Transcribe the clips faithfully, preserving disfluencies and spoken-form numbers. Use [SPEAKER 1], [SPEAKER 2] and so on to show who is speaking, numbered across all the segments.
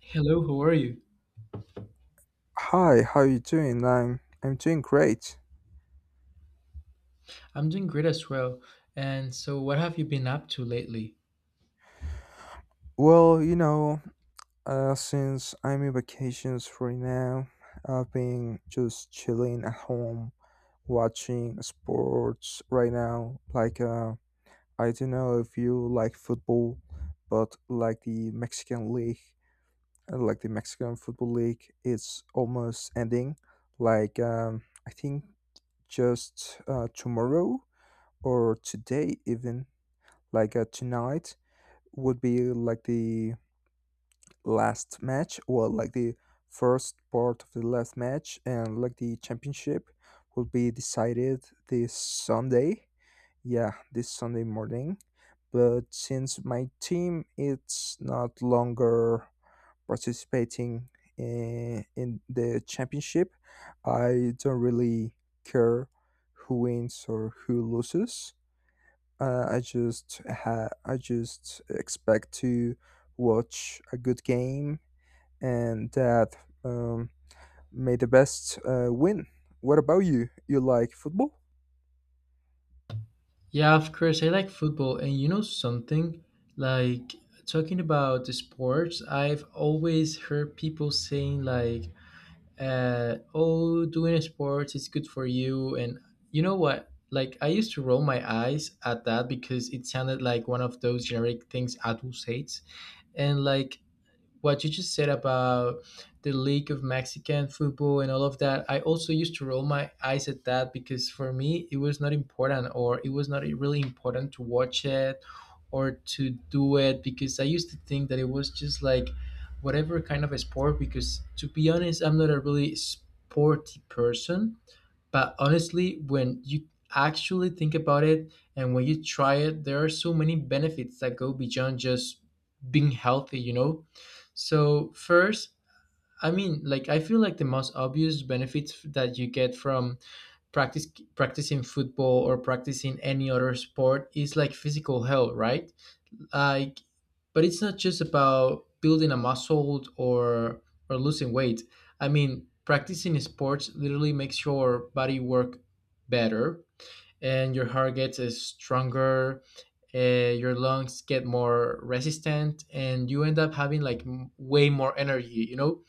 [SPEAKER 1] Hello, how are you?
[SPEAKER 2] Hi, how you doing? I'm I'm doing great.
[SPEAKER 1] I'm doing great as well. And so, what have you been up to lately?
[SPEAKER 2] Well, you know, uh, since I'm in vacations right now, I've been just chilling at home, watching sports right now. Like, uh, I don't know if you like football, but like the Mexican league, uh, like the Mexican football league, it's almost ending. Like, um, I think just uh, tomorrow or today even, like uh, tonight would be like the last match, well, like the first part of the last match, and like the championship will be decided this Sunday. Yeah, this Sunday morning. But since my team it's not longer participating in, in the championship, I don't really care who wins or who loses. Uh, I just ha- I just expect to watch a good game and that um, may the best uh, win. What about you? You like football?
[SPEAKER 1] Yeah, of course, I like football. And you know something? Like, talking about the sports, I've always heard people saying, like, uh, oh, doing sports is good for you. And you know what? Like, I used to roll my eyes at that because it sounded like one of those generic things adults hate. And, like, what you just said about the League of Mexican football and all of that, I also used to roll my eyes at that because for me it was not important or it was not really important to watch it or to do it because I used to think that it was just like whatever kind of a sport because to be honest, I'm not a really sporty person, but honestly, when you actually think about it and when you try it, there are so many benefits that go beyond just being healthy, you know? So, first, I mean, like, I feel like the most obvious benefits that you get from practice practicing football or practicing any other sport is like physical health, right? Like, but it's not just about building a muscle, or or losing weight. I mean, practicing sports literally makes your body work better, and your heart gets uh, stronger, uh, your lungs get more resistant, and you end up having like m- way more energy, you know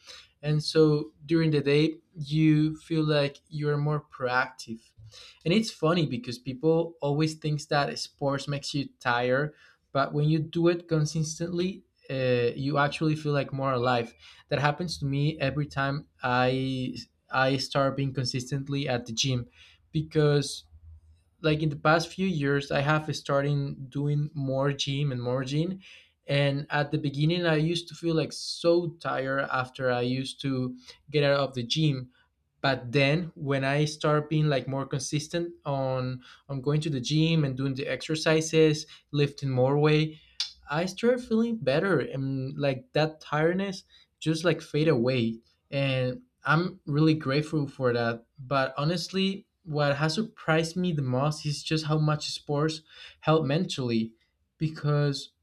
[SPEAKER 1] and so during the day you feel like you're more proactive. And it's funny because people always thinks that sports makes you tired, but when you do it consistently, uh, you actually feel like more alive. That happens to me every time i i start being consistently at the gym, because like in the past few years I have started doing more gym and more gym. And at the beginning I used to feel like so tired after I used to get out of the gym, but then when I start being like more consistent on on going to the gym and doing the exercises, lifting more weight, I started feeling better and like that tiredness just like fade away. And I'm really grateful for that. But honestly, what has surprised me the most is just how much sports help mentally, because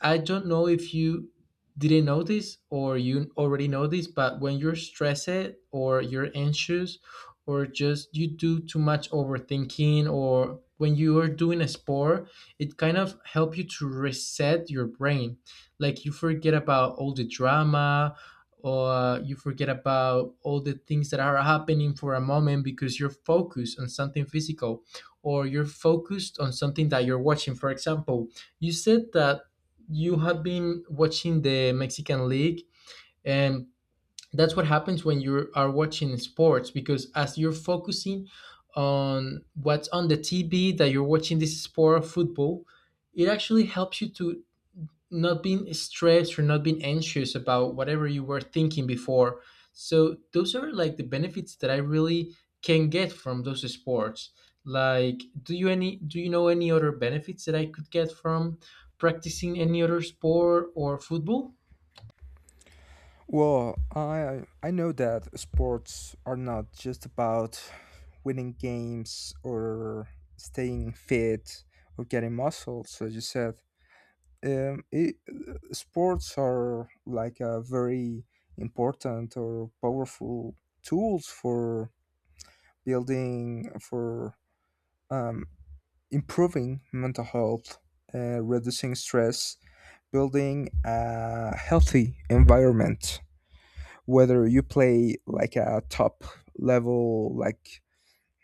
[SPEAKER 1] I don't know if you didn't know this or you already know this, but when you're stressed or you're anxious or just you do too much overthinking, or when you are doing a sport, it kind of help you to reset your brain. Like, you forget about all the drama, or you forget about all the things that are happening for a moment because you're focused on something physical, or you're focused on something that you're watching, for example. You said that you have been watching the Mexican league, and that's what happens when you are watching sports, because as you're focusing on what's on the T V that you're watching this sport of football, it actually helps you to not being stressed or not being anxious about whatever you were thinking before. So those are like the benefits that I really can get from those sports. Like, do you any do you know any other benefits that I could get from practicing any other sport or football?
[SPEAKER 2] Well, I I know that sports are not just about winning games or staying fit or getting muscles, as you said. Um, it, Sports are like a very important or powerful tools for building for um, improving mental health, uh, reducing stress, building a healthy environment. Whether you play like a top level, like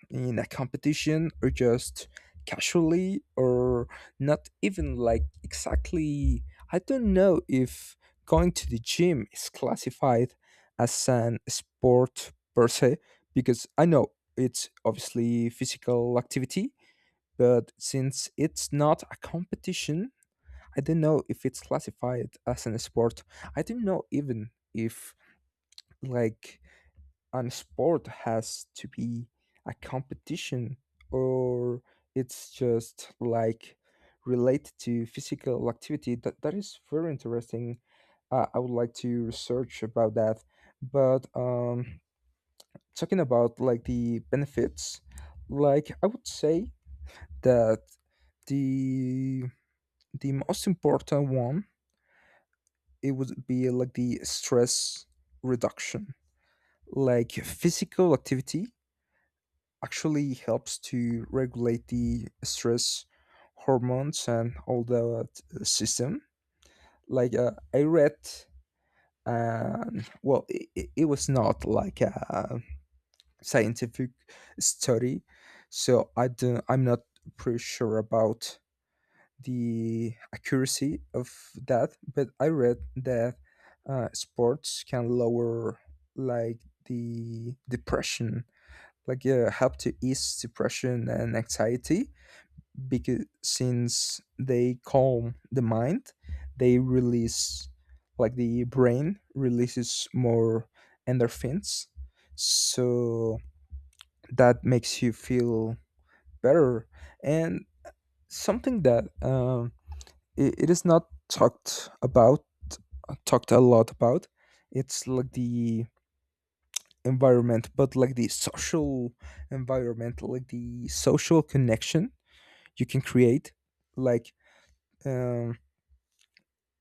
[SPEAKER 2] in a competition or just casually, or not even like exactly, I don't know if going to the gym is classified as an sport per se, because I know it's obviously physical activity, but since it's not a competition I don't know if it's classified as an sport. I don't know even if like and sport has to be a competition or it's just like related to physical activity. That, that is very interesting. uh, I would like to research about that, but um, talking about like the benefits, like I would say that the the most important one, it would be like the stress reduction. Like, physical activity actually helps to regulate the stress hormones and all that system. Like uh, I read, and well, it, it was not like a scientific study, so I don't, I'm not pretty sure about the accuracy of that. But I read that uh, sports can lower like the depression, like uh, help to ease depression and anxiety, because since they calm the mind, they release, like, the brain releases more endorphins, so that makes you feel better. And something that um, it, it is not talked about talked a lot about, it's like the environment, but like the social environment, like the social connection you can create. Like, um,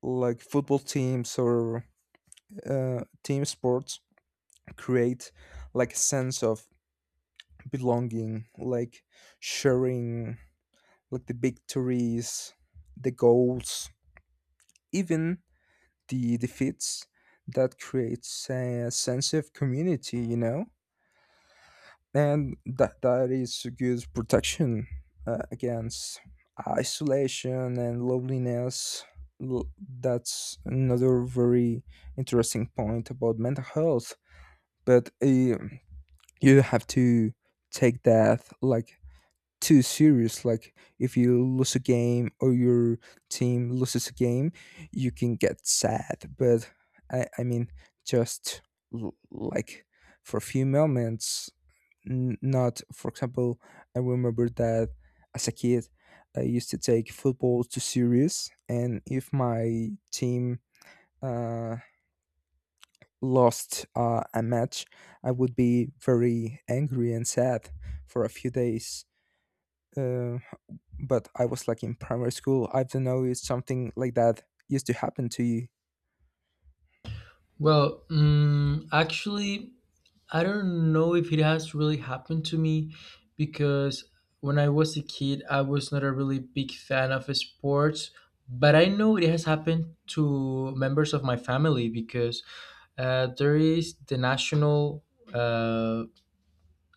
[SPEAKER 2] like football teams or uh, team sports create like a sense of belonging, like sharing like the victories, the goals, even the defeats. That creates a sense of community, you know, and that that is a good protection uh, against isolation and loneliness. L- that's another very interesting point about mental health. But uh, you have to take that like too serious. Like if you lose a game or your team loses a game, you can get sad, but i i mean just l- like for a few moments. N- not, for example, I remember that as a kid I used to take football too serious, and if my team uh lost uh, a match, I would be very angry and sad for a few days. Uh, but I was like in primary school. I don't know if something like that used to happen to you.
[SPEAKER 1] Well, mm, actually, I don't know if it has really happened to me, because when I was a kid, I was not a really big fan of sports, but I know it has happened to members of my family because uh, there is the national, uh,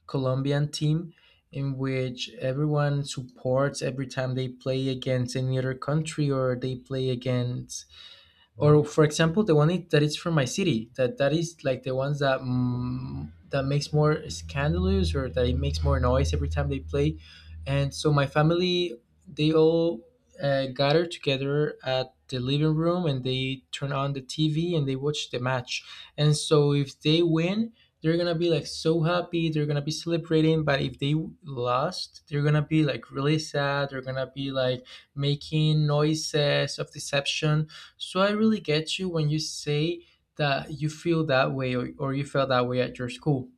[SPEAKER 1] Colombian team in which everyone supports every time they play against any other country, or they play against, or for example the one i- that is from my city, that that is like the ones that, mm, that makes more scandalous, or that it makes more noise every time they play. And so my family, they all, uh, gather together at the living room and they turn on the TV and they watch the match. And so if they win, they're gonna be like so happy, they're gonna be celebrating. But if they lost, they're gonna be like really sad, they're gonna be like making noises of deception. So I really get you when you say that you feel that way, or, or you felt that way at your school.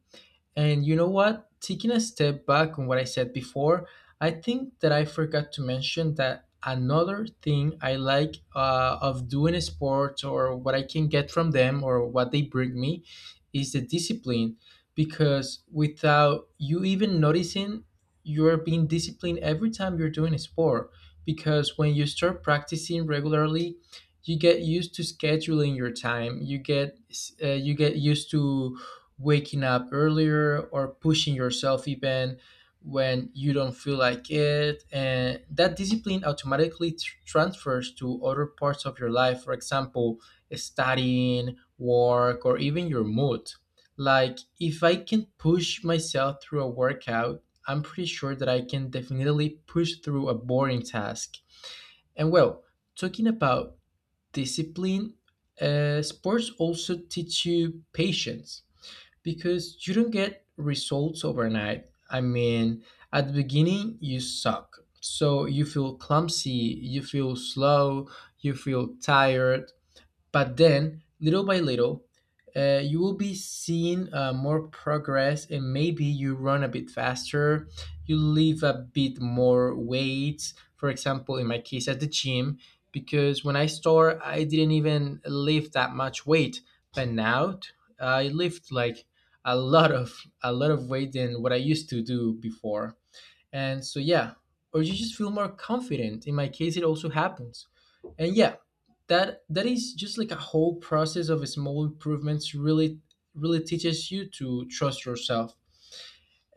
[SPEAKER 1] And you know what? Taking a step back on what I said before, I think that I forgot to mention that another thing I like, uh, of doing sports, or what I can get from them, or what they bring me, is the discipline. Because without you even noticing, you're being disciplined every time you're doing a sport. Because when you start practicing regularly, you get used to scheduling your time. You get, uh, you get used to waking up earlier, or pushing yourself even when you don't feel like it. And that discipline automatically tr- transfers to other parts of your life, for example studying, work, or even your mood. Like, if I can push myself through a workout, I'm pretty sure that I can definitely push through a boring task. And well, talking about discipline, uh, sports also teach you patience, because you don't get results overnight. I mean, at the beginning, you suck. So you feel clumsy, you feel slow, you feel tired, but then, little by little, uh, you will be seeing uh, more progress, and maybe you run a bit faster, you lift a bit more weights. For example, in my case, at the gym, because when I started, I didn't even lift that much weight, but now I lift like a lot of a lot of weight than what I used to do before. And so, yeah, or you just feel more confident. In my case, it also happens. And yeah, that that is just like a whole process of small improvements really really teaches you to trust yourself.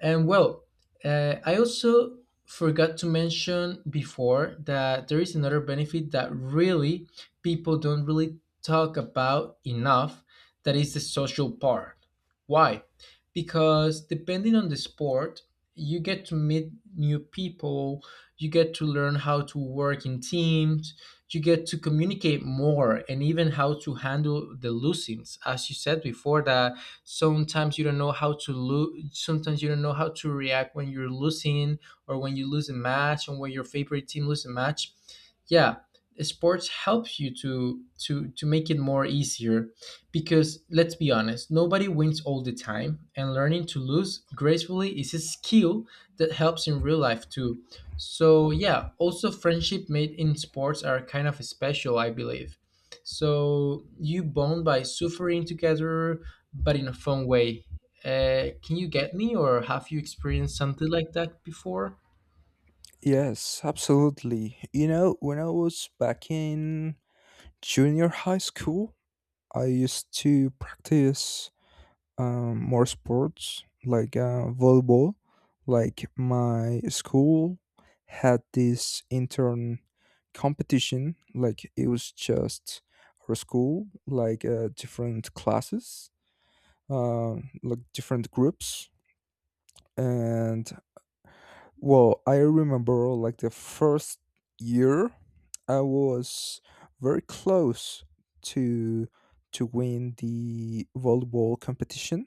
[SPEAKER 1] And well, uh, I also forgot to mention before that there is another benefit that really people don't really talk about enough, that is the social part. Why? Because depending on the sport, you get to meet new people, you get to learn how to work in teams, you get to communicate more, and even how to handle the losings. As you said before, that sometimes you don't know how to lose, sometimes you don't know how to react when you're losing, or when you lose a match, or when your favorite team loses a match. Yeah, sports helps you to to to make it more easier, because let's be honest, nobody wins all the time, and learning to lose gracefully is a skill that helps in real life too. So yeah, also friendship made in sports are kind of special, I believe. So you bond by suffering together, but in a fun way. Uh, can you get me, or have you experienced something like that before?
[SPEAKER 2] Yes, absolutely. You know, when I was back in junior high school, I used to practice um, more sports, like uh, volleyball. Like my school had this intern competition. Like it was just our school, like uh, different classes, uh, like different groups. And well, I remember like the first year, I was very close to to win the volleyball competition.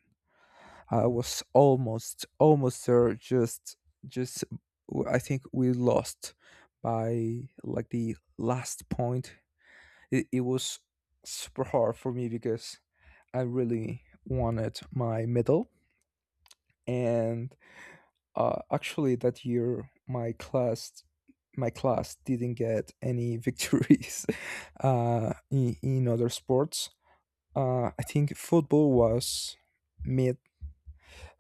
[SPEAKER 2] I was almost almost there. Just just w- I think we lost by like the last point. It, it was super hard for me because I really wanted my medal. And uh, actually, that year my class my class didn't get any victories uh, in, in other sports. Uh, I think football was mid.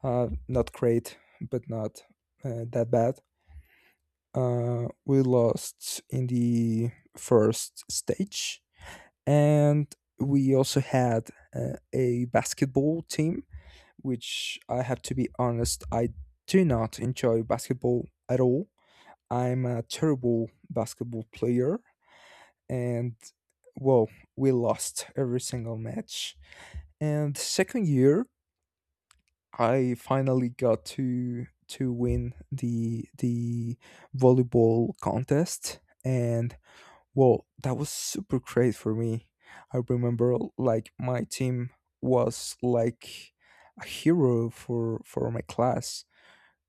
[SPEAKER 2] Uh, not great, but not uh, that bad. Uh, we lost in the first stage, and we also had uh, a basketball team, which, I have to be honest, I do not enjoy basketball at all. I'm a terrible basketball player, and well, we lost every single match. And second year, I finally got to to win the the volleyball contest, and well, that was super great for me. I remember like my team was like a hero for for my class.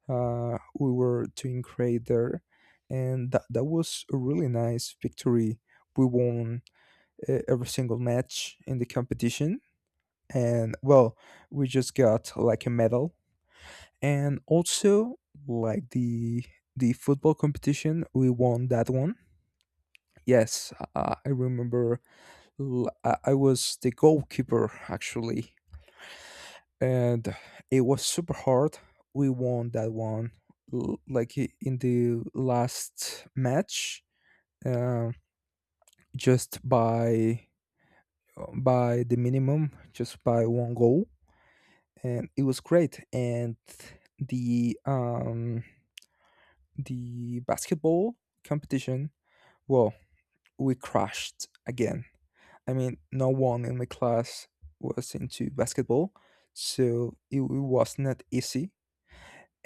[SPEAKER 2] Uh, we were doing great there, and that, that was a really nice victory. We won uh, every single match in the competition, and well, we just got like a medal. And also, like the the football competition, we won that one. Yes, uh, I remember, l- i I was the goalkeeper actually, and it was super hard. We won that one l- like i- in the last match, uh, just by by the minimum, just by one goal, and it was great. And the um the basketball competition, well, we crashed again. I mean, no one in my class was into basketball, so it, it was not easy.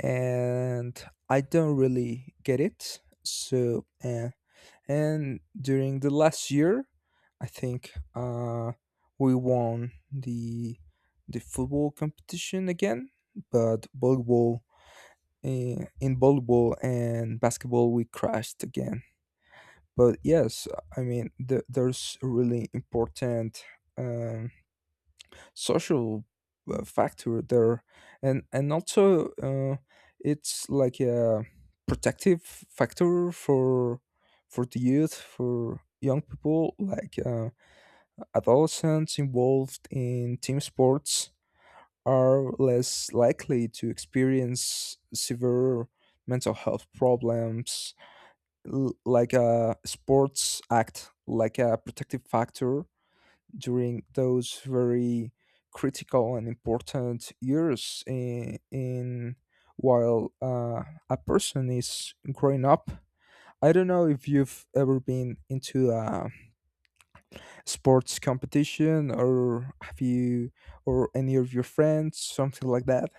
[SPEAKER 2] And I don't really get it. So, uh, and during the last year, I think uh, we won the the football competition again, but volleyball, Uh, in volleyball and basketball, we crashed again. But yes, I mean, the, there's a really important um, social uh, factor there. and and also, uh, it's like a protective factor for for the youth, for young people, like uh, adolescents involved in team sports are less likely to experience severe mental health problems. L- like a sports act, like a protective factor during those very critical and important years in, in while uh, a person is growing up. I don't know if you've ever been into a sports competition, or have you, or any of your friends, something like that.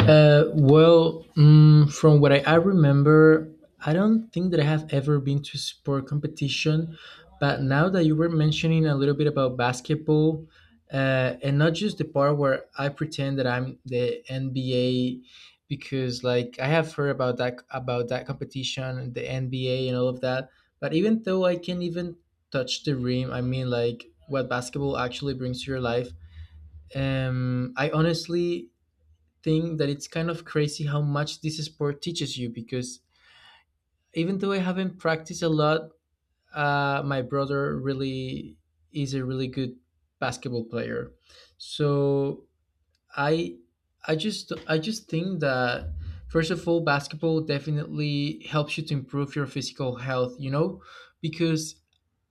[SPEAKER 1] Uh, well, mm, from what I, I remember, I don't think that I have ever been to sport competition. But now that you were mentioning a little bit about basketball, uh, and not just the part where I pretend that I'm the N B A, because like I have heard about that about that competition, and the N B A, and all of that. But even though I can't even touch the rim, I mean, like what basketball actually brings to your life. Um, I honestly think that it's kind of crazy how much this sport teaches you, because even though I haven't practiced a lot, uh, my brother really is a really good basketball player. So I I just I just think that first of all, basketball definitely helps you to improve your physical health, you know, because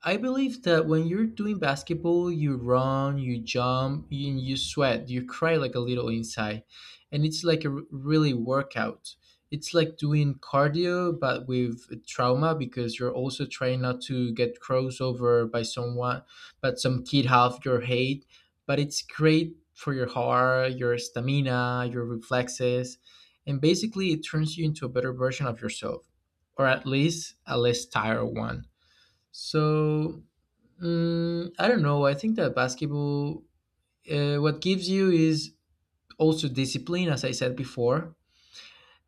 [SPEAKER 1] I believe that when you're doing basketball, you run, you jump, you, you sweat, you cry like a little inside. And it's like a r- really workout. It's like doing cardio, but with trauma, because you're also trying not to get crossed over by someone, but some kid half your height. But it's great for your heart, your stamina, your reflexes. And basically, it turns you into a better version of yourself, or at least a less tired one. So, mm, I don't know. I think that basketball, uh, what gives you is also discipline, as I said before.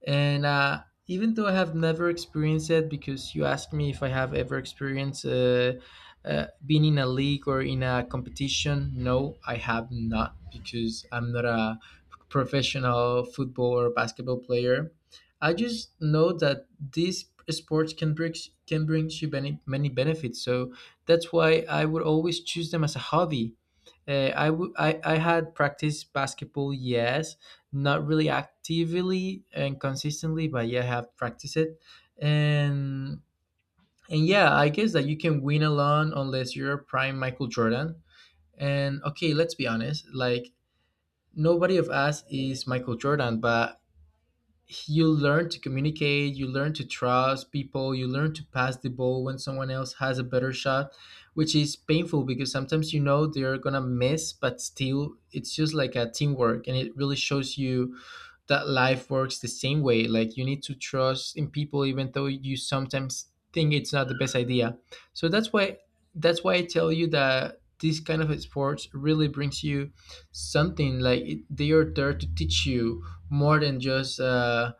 [SPEAKER 1] And uh, even though I have never experienced it, because you asked me if I have ever experienced uh, uh, being in a league or in a competition, no, I have not, because I'm not a professional football or basketball player. I just know that these sports can bring can bring you many many benefits, so that's why I would always choose them as a hobby. Uh, I, w- I I had practiced basketball, yes, not really actively and consistently, but yeah, I have practiced it. And and yeah, I guess that you can win alone unless you're prime Michael Jordan. And okay, let's be honest, like nobody of us is Michael Jordan. But you learn to communicate, you learn to trust people, you learn to pass the ball when someone else has a better shot, which is painful because sometimes you know they're gonna miss, but still it's just like a teamwork, and it really shows you that life works the same way. Like you need to trust in people, even though you sometimes think it's not the best idea. So that's why that's why I tell you that this kind of sports really brings you something. Like it, they are there to teach you more than just uh,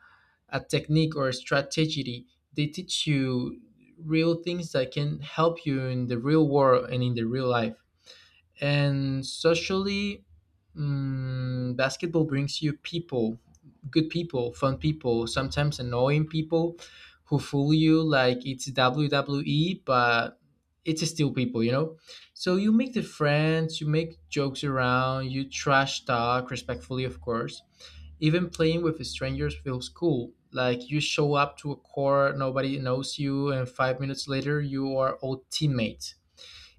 [SPEAKER 1] a technique or a strategy. They teach you real things that can help you in the real world and in the real life. And socially, mm, basketball brings you people, good people, fun people, sometimes annoying people who fool you like it's W W E, but it's still people, you know? So you make the friends, you make jokes around, you trash talk, respectfully, of course. Even playing with strangers feels cool. Like you show up to a core, nobody knows you, and five minutes later, you are old teammates.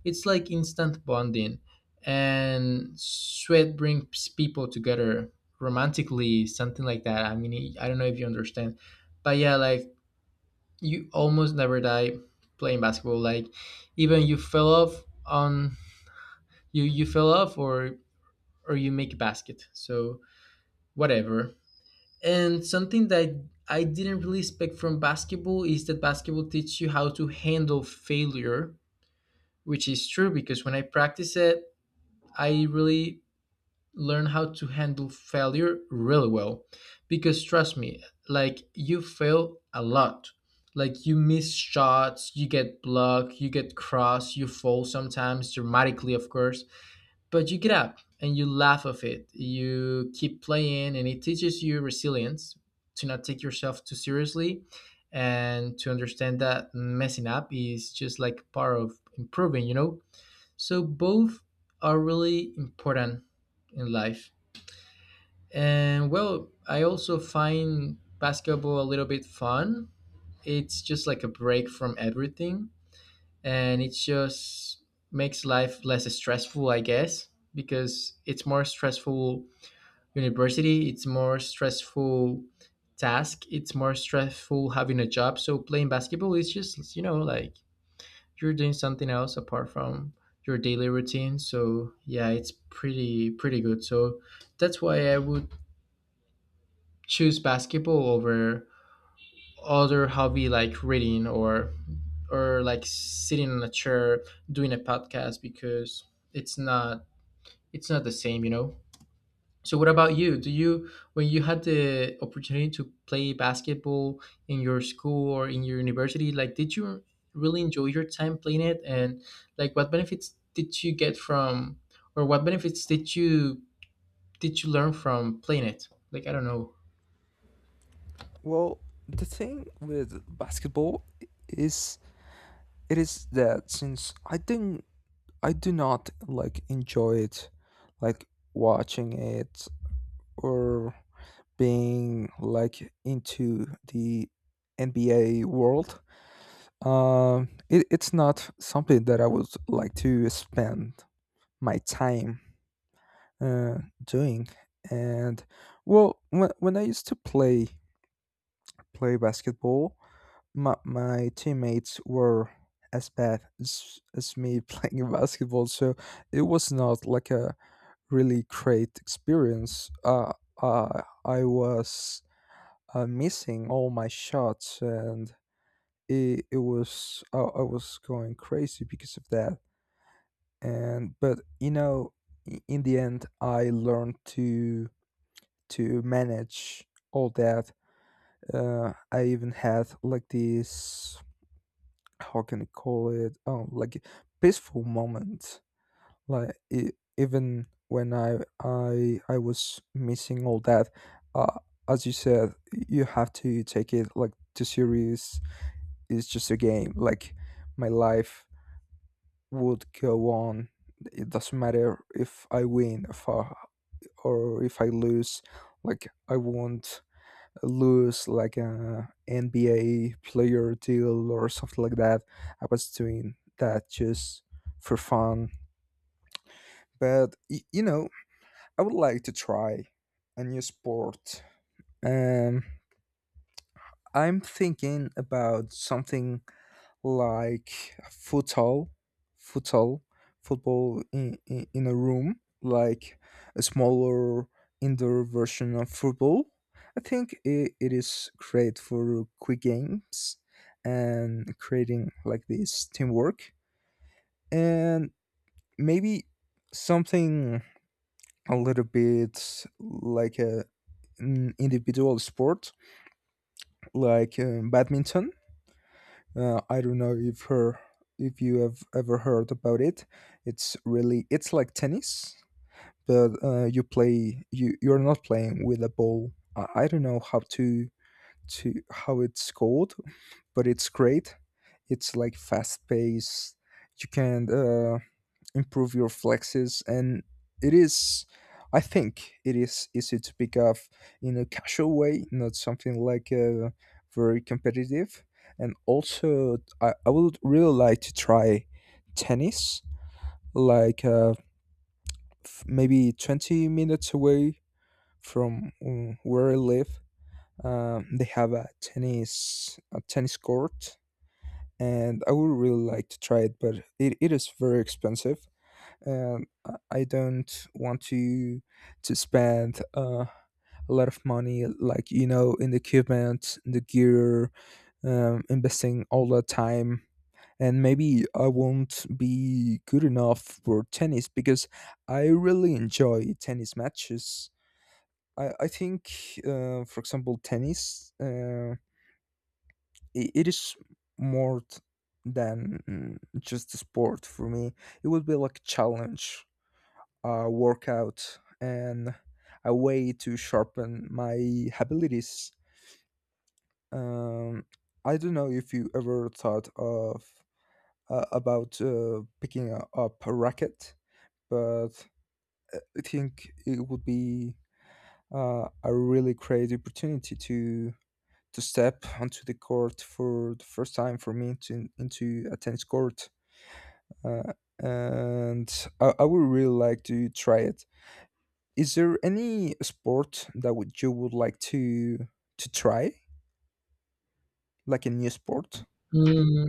[SPEAKER 1] It's like instant bonding, and sweat brings people together romantically, something like that. I mean, I don't know if you understand, but yeah, like you almost never die playing basketball. Like even you fell off on you you fell off, or or you make a basket. So whatever. And something that I didn't really expect from basketball is that basketball teaches you how to handle failure, which is true because when I practice it, I really learn how to handle failure really well, because trust me, like you fail a lot. Like you miss shots, you get blocked, you get crossed, you fall sometimes dramatically, of course, but you get up and you laugh of it, you keep playing, and it teaches you resilience, to not take yourself too seriously, and to understand that messing up is just like part of improving, you know. So both are really important in life. And well, I also find basketball a little bit fun. It's just like a break from everything, and it just makes life less stressful, I guess, because it's more stressful university, it's more stressful task, it's more stressful having a job. So playing basketball is just, you know, like you're doing something else apart from your daily routine. So yeah, it's pretty pretty good. So that's why I would choose basketball over other hobby like reading, or or like sitting in a chair doing a podcast, because it's not it's not the same, you know. So what about you? Do you, when you had the opportunity to play basketball in your school or in your university, like did you really enjoy your time playing it, and like what benefits did you get from, or what benefits did you did you learn from playing it? Like I don't
[SPEAKER 2] Well, the thing with basketball is, it is that since I didn't I do not like enjoy it, like watching it, or being like into the N B A world. Um, it, it's not something that I would like to spend my time uh, doing. And well, when, when I used to play play basketball, my, my teammates were as bad as, as me playing basketball, so it was not like a really great experience. Uh, uh, I was uh, missing all my shots, and it, it was uh, I was going crazy because of that. And but you know, i- in the end, I learned to to manage all that. Uh, I even had like this, how can I call it? Oh, like peaceful moment. Like e- even when i i i was missing all that, uh as you said, you have to take it like too serious. It's just a game. Like my life would go on. It doesn't matter if I win, if I, or if I lose. Like I won't lose like a nba player deal or something like that. I was doing that just for fun. But y- you know, I would like to try a new sport. Um, I'm thinking about something like football, football, football in, in, in a room, like a smaller indoor version of football. I think it, it is great for quick games and creating like this teamwork. And maybe something a little bit like a in individual sport, like um, badminton. Uh, I don't know if her if you have ever heard about it. It's really it's like tennis, but uh, you play, you you're not playing with a ball. I, I don't know how to to how it's called, but it's great. It's like fast paced. You can uh, improve your flexes, and it is, I think it is easy to pick up in a casual way, not something like uh, very competitive. And also, I, I would really like to try tennis. Like uh, f- maybe twenty minutes away from uh, where I live, um, they have a tennis a tennis court, and I would really like to try it, but it, it is very expensive, and I I don't want to to spend uh, a lot of money, like you know, in the equipment, in the gear, um, investing all the time. And maybe I won't be good enough for tennis, because I really enjoy tennis matches. I, I think, uh, for example, tennis, uh, it, it is more t- than mm, just a sport for me. It would be like a challenge, a workout, and a way to sharpen my abilities. Um, I don't know if you ever thought of uh, about uh, picking a, up a racket, but I think it would be uh, a really great opportunity to to step onto the court for the first time, for me to, into a tennis court. Uh, and I, I would really like to try it. Is there any sport that would you would like to to try, like a new sport?
[SPEAKER 1] know.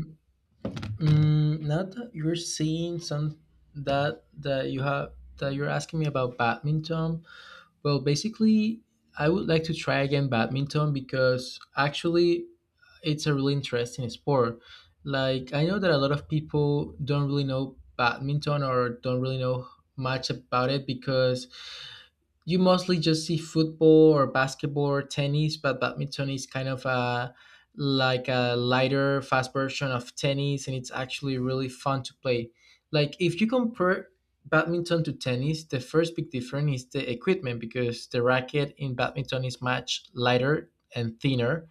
[SPEAKER 1] Mm, now that you're seeing some, that that you have, that you're asking me about badminton, well, basically, I would like to try again badminton, because actually it's a really interesting sport. Like I know that a lot of people don't really know badminton, or don't really know much about it, because you mostly just see football or basketball or tennis, but badminton is kind of a like a lighter, fast version of tennis, and it's actually really fun to play. Like if you compare badminton to tennis, the first big difference is the equipment, because the racket in badminton is much lighter and thinner,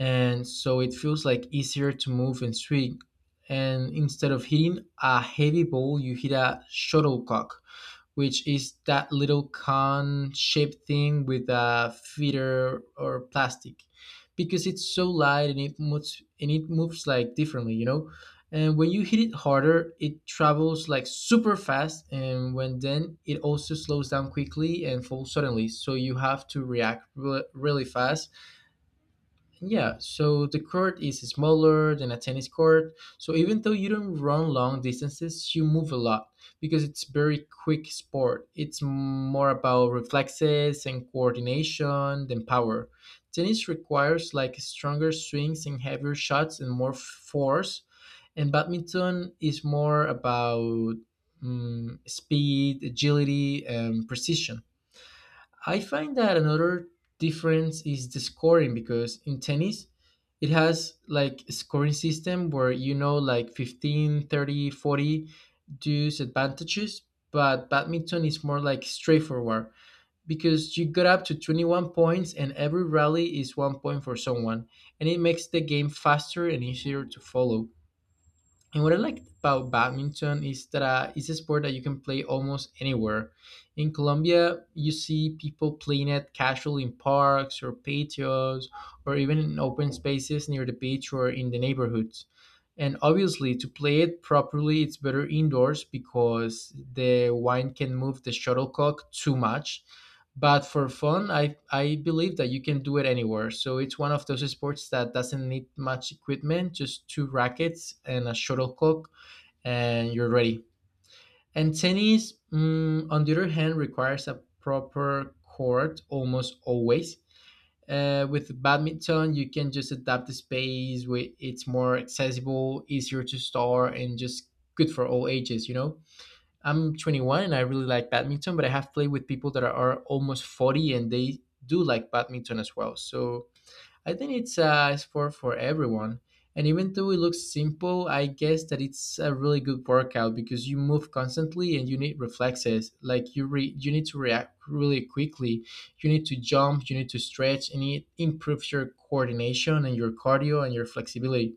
[SPEAKER 1] and so it feels like easier to move and swing. And instead of hitting a heavy ball, you hit a shuttlecock, which is that little cone shaped thing with a feeder or plastic. Because it's so light, and it moves and it moves like differently, you know. And when you hit it harder, it travels like super fast, and when then it also slows down quickly and falls suddenly, so you have to react re- really fast. Yeah, so the court is smaller than a tennis court. So even though you don't run long distances, you move a lot, because it's very quick sport. It's more about reflexes and coordination than power. Tennis requires like stronger swings and heavier shots and more force. And badminton is more about mm, speed, agility, and precision. I find that another difference is the scoring, because in tennis it has like a scoring system where you know like fifteen, thirty, forty, thirty, dues advantages, but badminton is more like straightforward, because you got up to twenty-one points and every rally is one point for someone, and it makes the game faster and easier to follow. And what I like about badminton is that uh, it's a sport that you can play almost anywhere. In Colombia, you see people playing it casually in parks or patios, or even in open spaces near the beach or in the neighborhoods. And obviously, to play it properly, it's better indoors, because the wind can move the shuttlecock too much. But for fun, i i believe that you can do it anywhere. So it's one of those sports that doesn't need much equipment, just two rackets and a shuttlecock, and you're ready. And tennis, mm, on the other hand, requires a proper court almost always. Uh, with badminton, you can just adapt the space, where it's more accessible, easier to start, and just good for all ages, you know. I'm twenty-one and I really like badminton, but I have played with people that are almost forty, and they do like badminton as well. So I think it's a sport for everyone. And even though it looks simple, I guess that it's a really good workout, because you move constantly and you need reflexes. Like you re- you need to react really quickly. You need to jump, you need to stretch, and it improves your coordination and your cardio and your flexibility.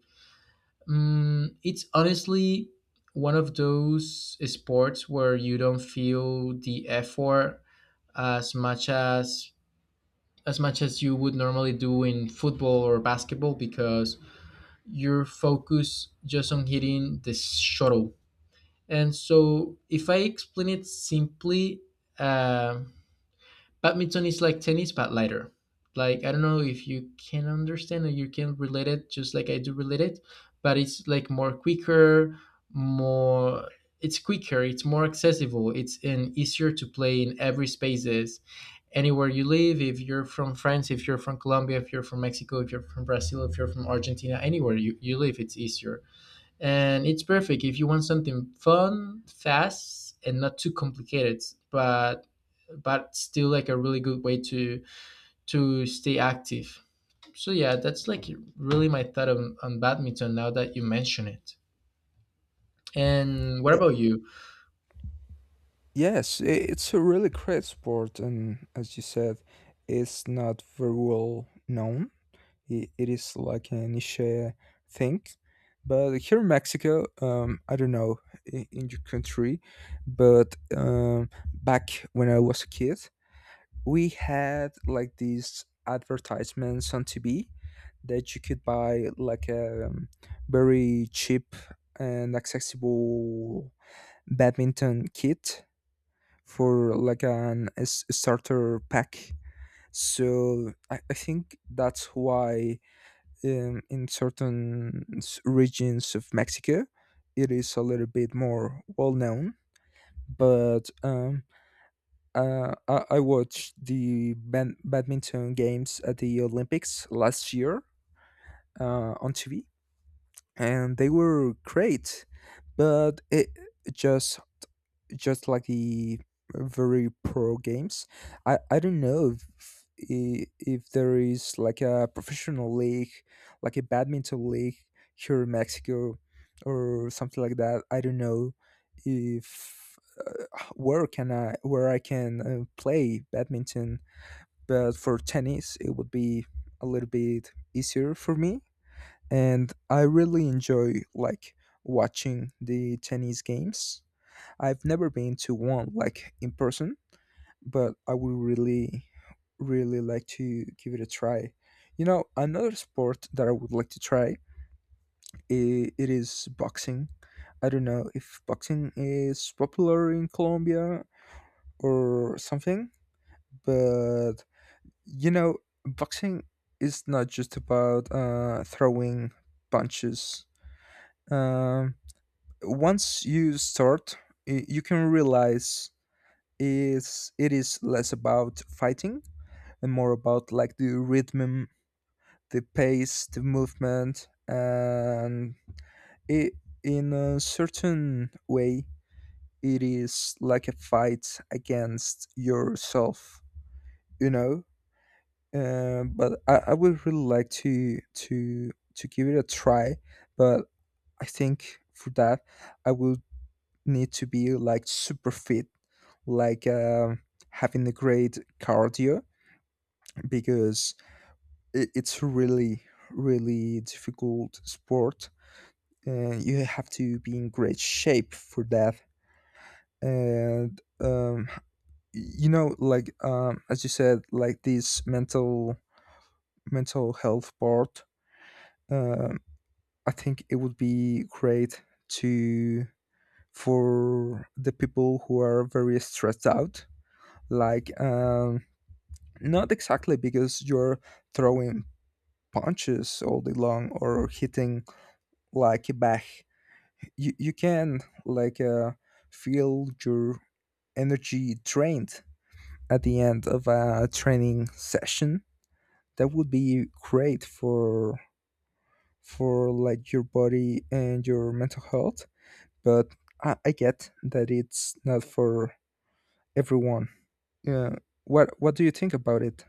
[SPEAKER 1] Mm, it's honestly one of those sports where you don't feel the effort as much as as much as you would normally do in football or basketball, because you're focused just on hitting the shuttle. And so, if I explain it simply, um badminton is like tennis, but lighter. Like I don't know if you can understand or you can relate it, just like I do relate it, but it's like more quicker, more. It's quicker. It's more accessible. It's and easier to play in every spaces, anywhere you live. If you're from France, if you're from Colombia, if you're from Mexico, if you're from Brazil, if you're from Argentina, anywhere you, you live, it's easier, and it's perfect if you want something fun, fast, and not too complicated, but but still like a really good way to to stay active. So yeah, that's like really my thought on, on badminton now that you mention it. And what
[SPEAKER 2] Yeah.
[SPEAKER 1] about you?
[SPEAKER 2] Yes, i- it's a really great sport, and as you said, it's not very well known. It, it is like a niche uh, thing, but here in Mexico, um, I don't know in, in your country, but um, back when I was a kid, we had like these advertisements on T V that you could buy like a um, very cheap and accessible badminton kit for like an a s- starter pack. So I, I think that's why um, in certain s- regions of Mexico it is a little bit more well known. But um, uh, I, I watched the bad- badminton games at the Olympics last year uh, on T V, and they were great. But it just just like the very pro games. I, I don't know if, i- if there is like a professional league, like a badminton league here in Mexico or something like that. I don't know if uh, where can I where I can uh, play badminton, but for tennis it would be a little bit easier for me, and I really enjoy like watching the tennis games. I've never been to one like in person, but I would really really like to give it a try. You know, another sport that I would like to try, i- it is boxing. I don't know if boxing is popular in Colombia or something, but you know, boxing is not just about uh, throwing punches. Um, once you start, y- you can realize is it is less about fighting and more about like the rhythm, the pace, the movement, and it, in a certain way, it is like a fight against yourself. You know, Uh, but I, I would really like to to to give it a try. But I think for that, I will need to be like super fit, like um, having a great cardio, because it, it's a really really difficult sport, and you have to be in great shape for that. And um, you know, like um, as you said, like this mental mental health part. um. I think it would be great to for the people who are very stressed out, like um, not exactly because you're throwing punches all day long or hitting like a bag. You you can like uh, feel your energy drained at the end of a training session. That would be great for for like your body and your mental health, but I, I get that it's not for everyone. Yeah. What What do you think about it?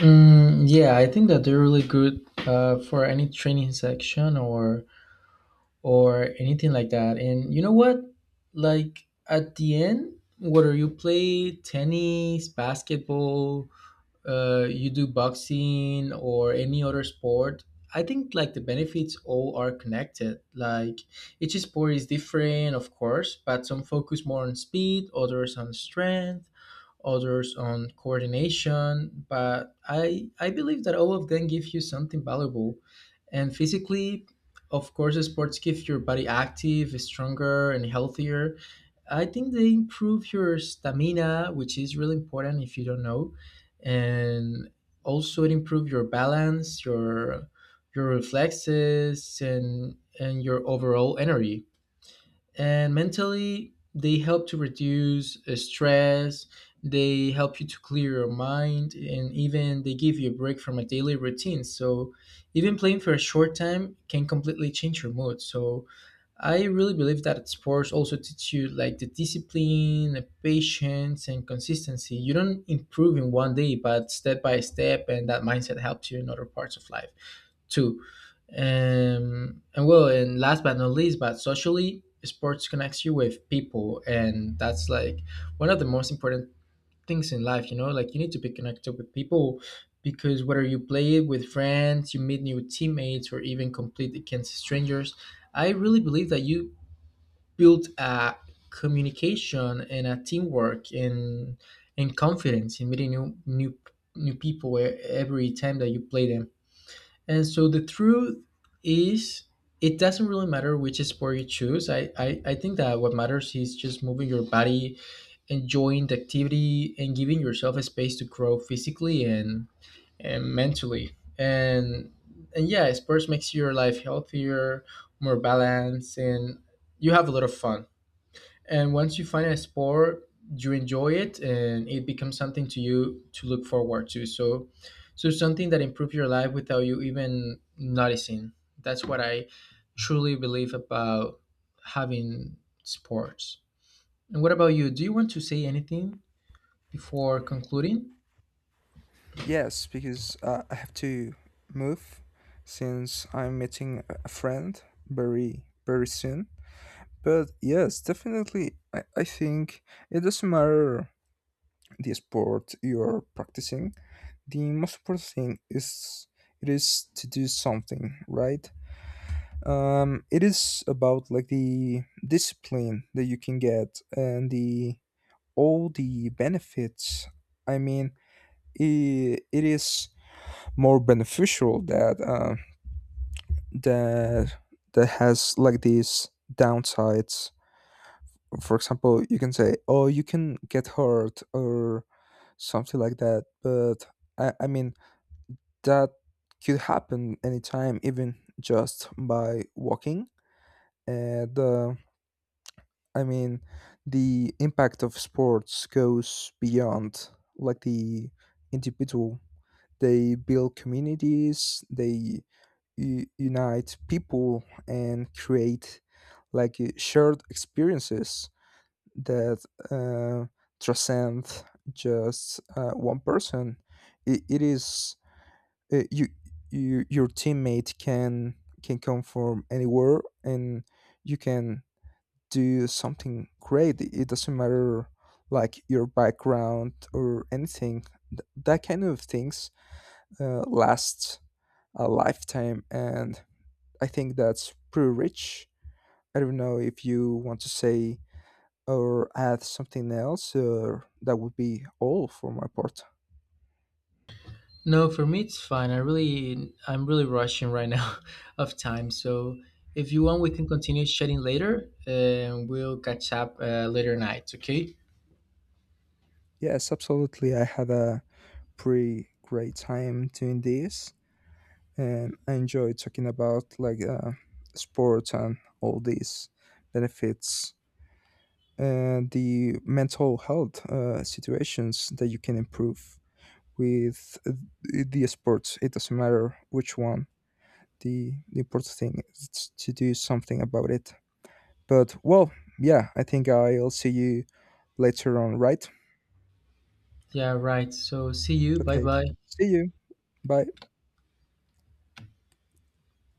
[SPEAKER 1] Mm, yeah, I think that they're really good uh, for any training section or or anything like that. And you know what? Like at the end, whether you play tennis, basketball, uh, you do boxing or any other sport, I think like the benefits all are connected. Like each sport is different, of course, but some focus more on speed, others on strength, others on coordination. But I I believe that all of them give you something valuable, and physically. Of course, sports give your body active, stronger, and healthier. I think they improve your stamina, which is really important if you don't know, and also it improve your balance, your your reflexes, and and your overall energy. And mentally, they help to reduce uh, stress. They help you to clear your mind, and even they give you a break from a daily routine. So, even playing for a short time can completely change your mood. So, I really believe that sports also teach you like the discipline, the patience, and consistency. You don't improve in one day, but step by step, and that mindset helps you in other parts of life too. Um, and well, and last but not least, but socially, sports connects you with people, and that's like one of the most important things in life, you know. Like you need to be connected with people, because whether you play it with friends, you meet new teammates, or even compete against strangers, I really believe that you build a communication and a teamwork and and confidence in meeting new new new people, e- every time that you play them. And so the truth is, it doesn't really matter which sport you choose. i i, I think that what matters is just moving your body, enjoying the activity, and giving yourself a space to grow physically, and, and mentally. And and yeah, sports makes your life healthier, more balanced, and you have a lot of fun. And once you find a sport, you enjoy it, and it becomes something to you to look forward to. So, so something that improves your life without you even noticing. That's what I truly believe about having sports. And what about you? Do you want to say anything before concluding?
[SPEAKER 2] Yes, because uh, I have to move since I'm meeting a a friend very very soon. But yes, definitely, I, I think it doesn't matter the sport you're practicing. The most important thing is it is to do something, right? Um, it is about like the discipline that you can get and the all the benefits. I mean, it, it is more beneficial that uh, that that has like these downsides. For example, you can say, "Oh, you can get hurt" or something like that. But I, I mean, that could happen anytime, even just by walking. And uh, I mean, the impact of sports goes beyond like the individual. They build communities. They u- unite people and create like uh, shared experiences that uh, transcend just uh, one person. It, it is uh, you, you your teammate can can come from anywhere and you can do something great. It doesn't matter like your background or anything. Th- that kind of things uh, lasts a lifetime, and I think that's pretty rich. I don't know if you want to say or add something else, uh, that would be all for my part.
[SPEAKER 1] No, for me it's fine. I really I'm really rushing right now of time. So if you want, we can continue chatting later, and we'll catch up uh, later night. Okay?
[SPEAKER 2] Yes, absolutely. I had a pretty great time doing this, and I enjoyed talking about like uh, sports and all these benefits and the mental health uh, situations that you can improve with uh, the sports. It doesn't matter which one. The, the important thing is to do something about it. But well, yeah, I think I'll see you later on, right?
[SPEAKER 1] Yeah, right. So see you. Bye
[SPEAKER 2] Okay.
[SPEAKER 1] bye.
[SPEAKER 2] See you. Bye.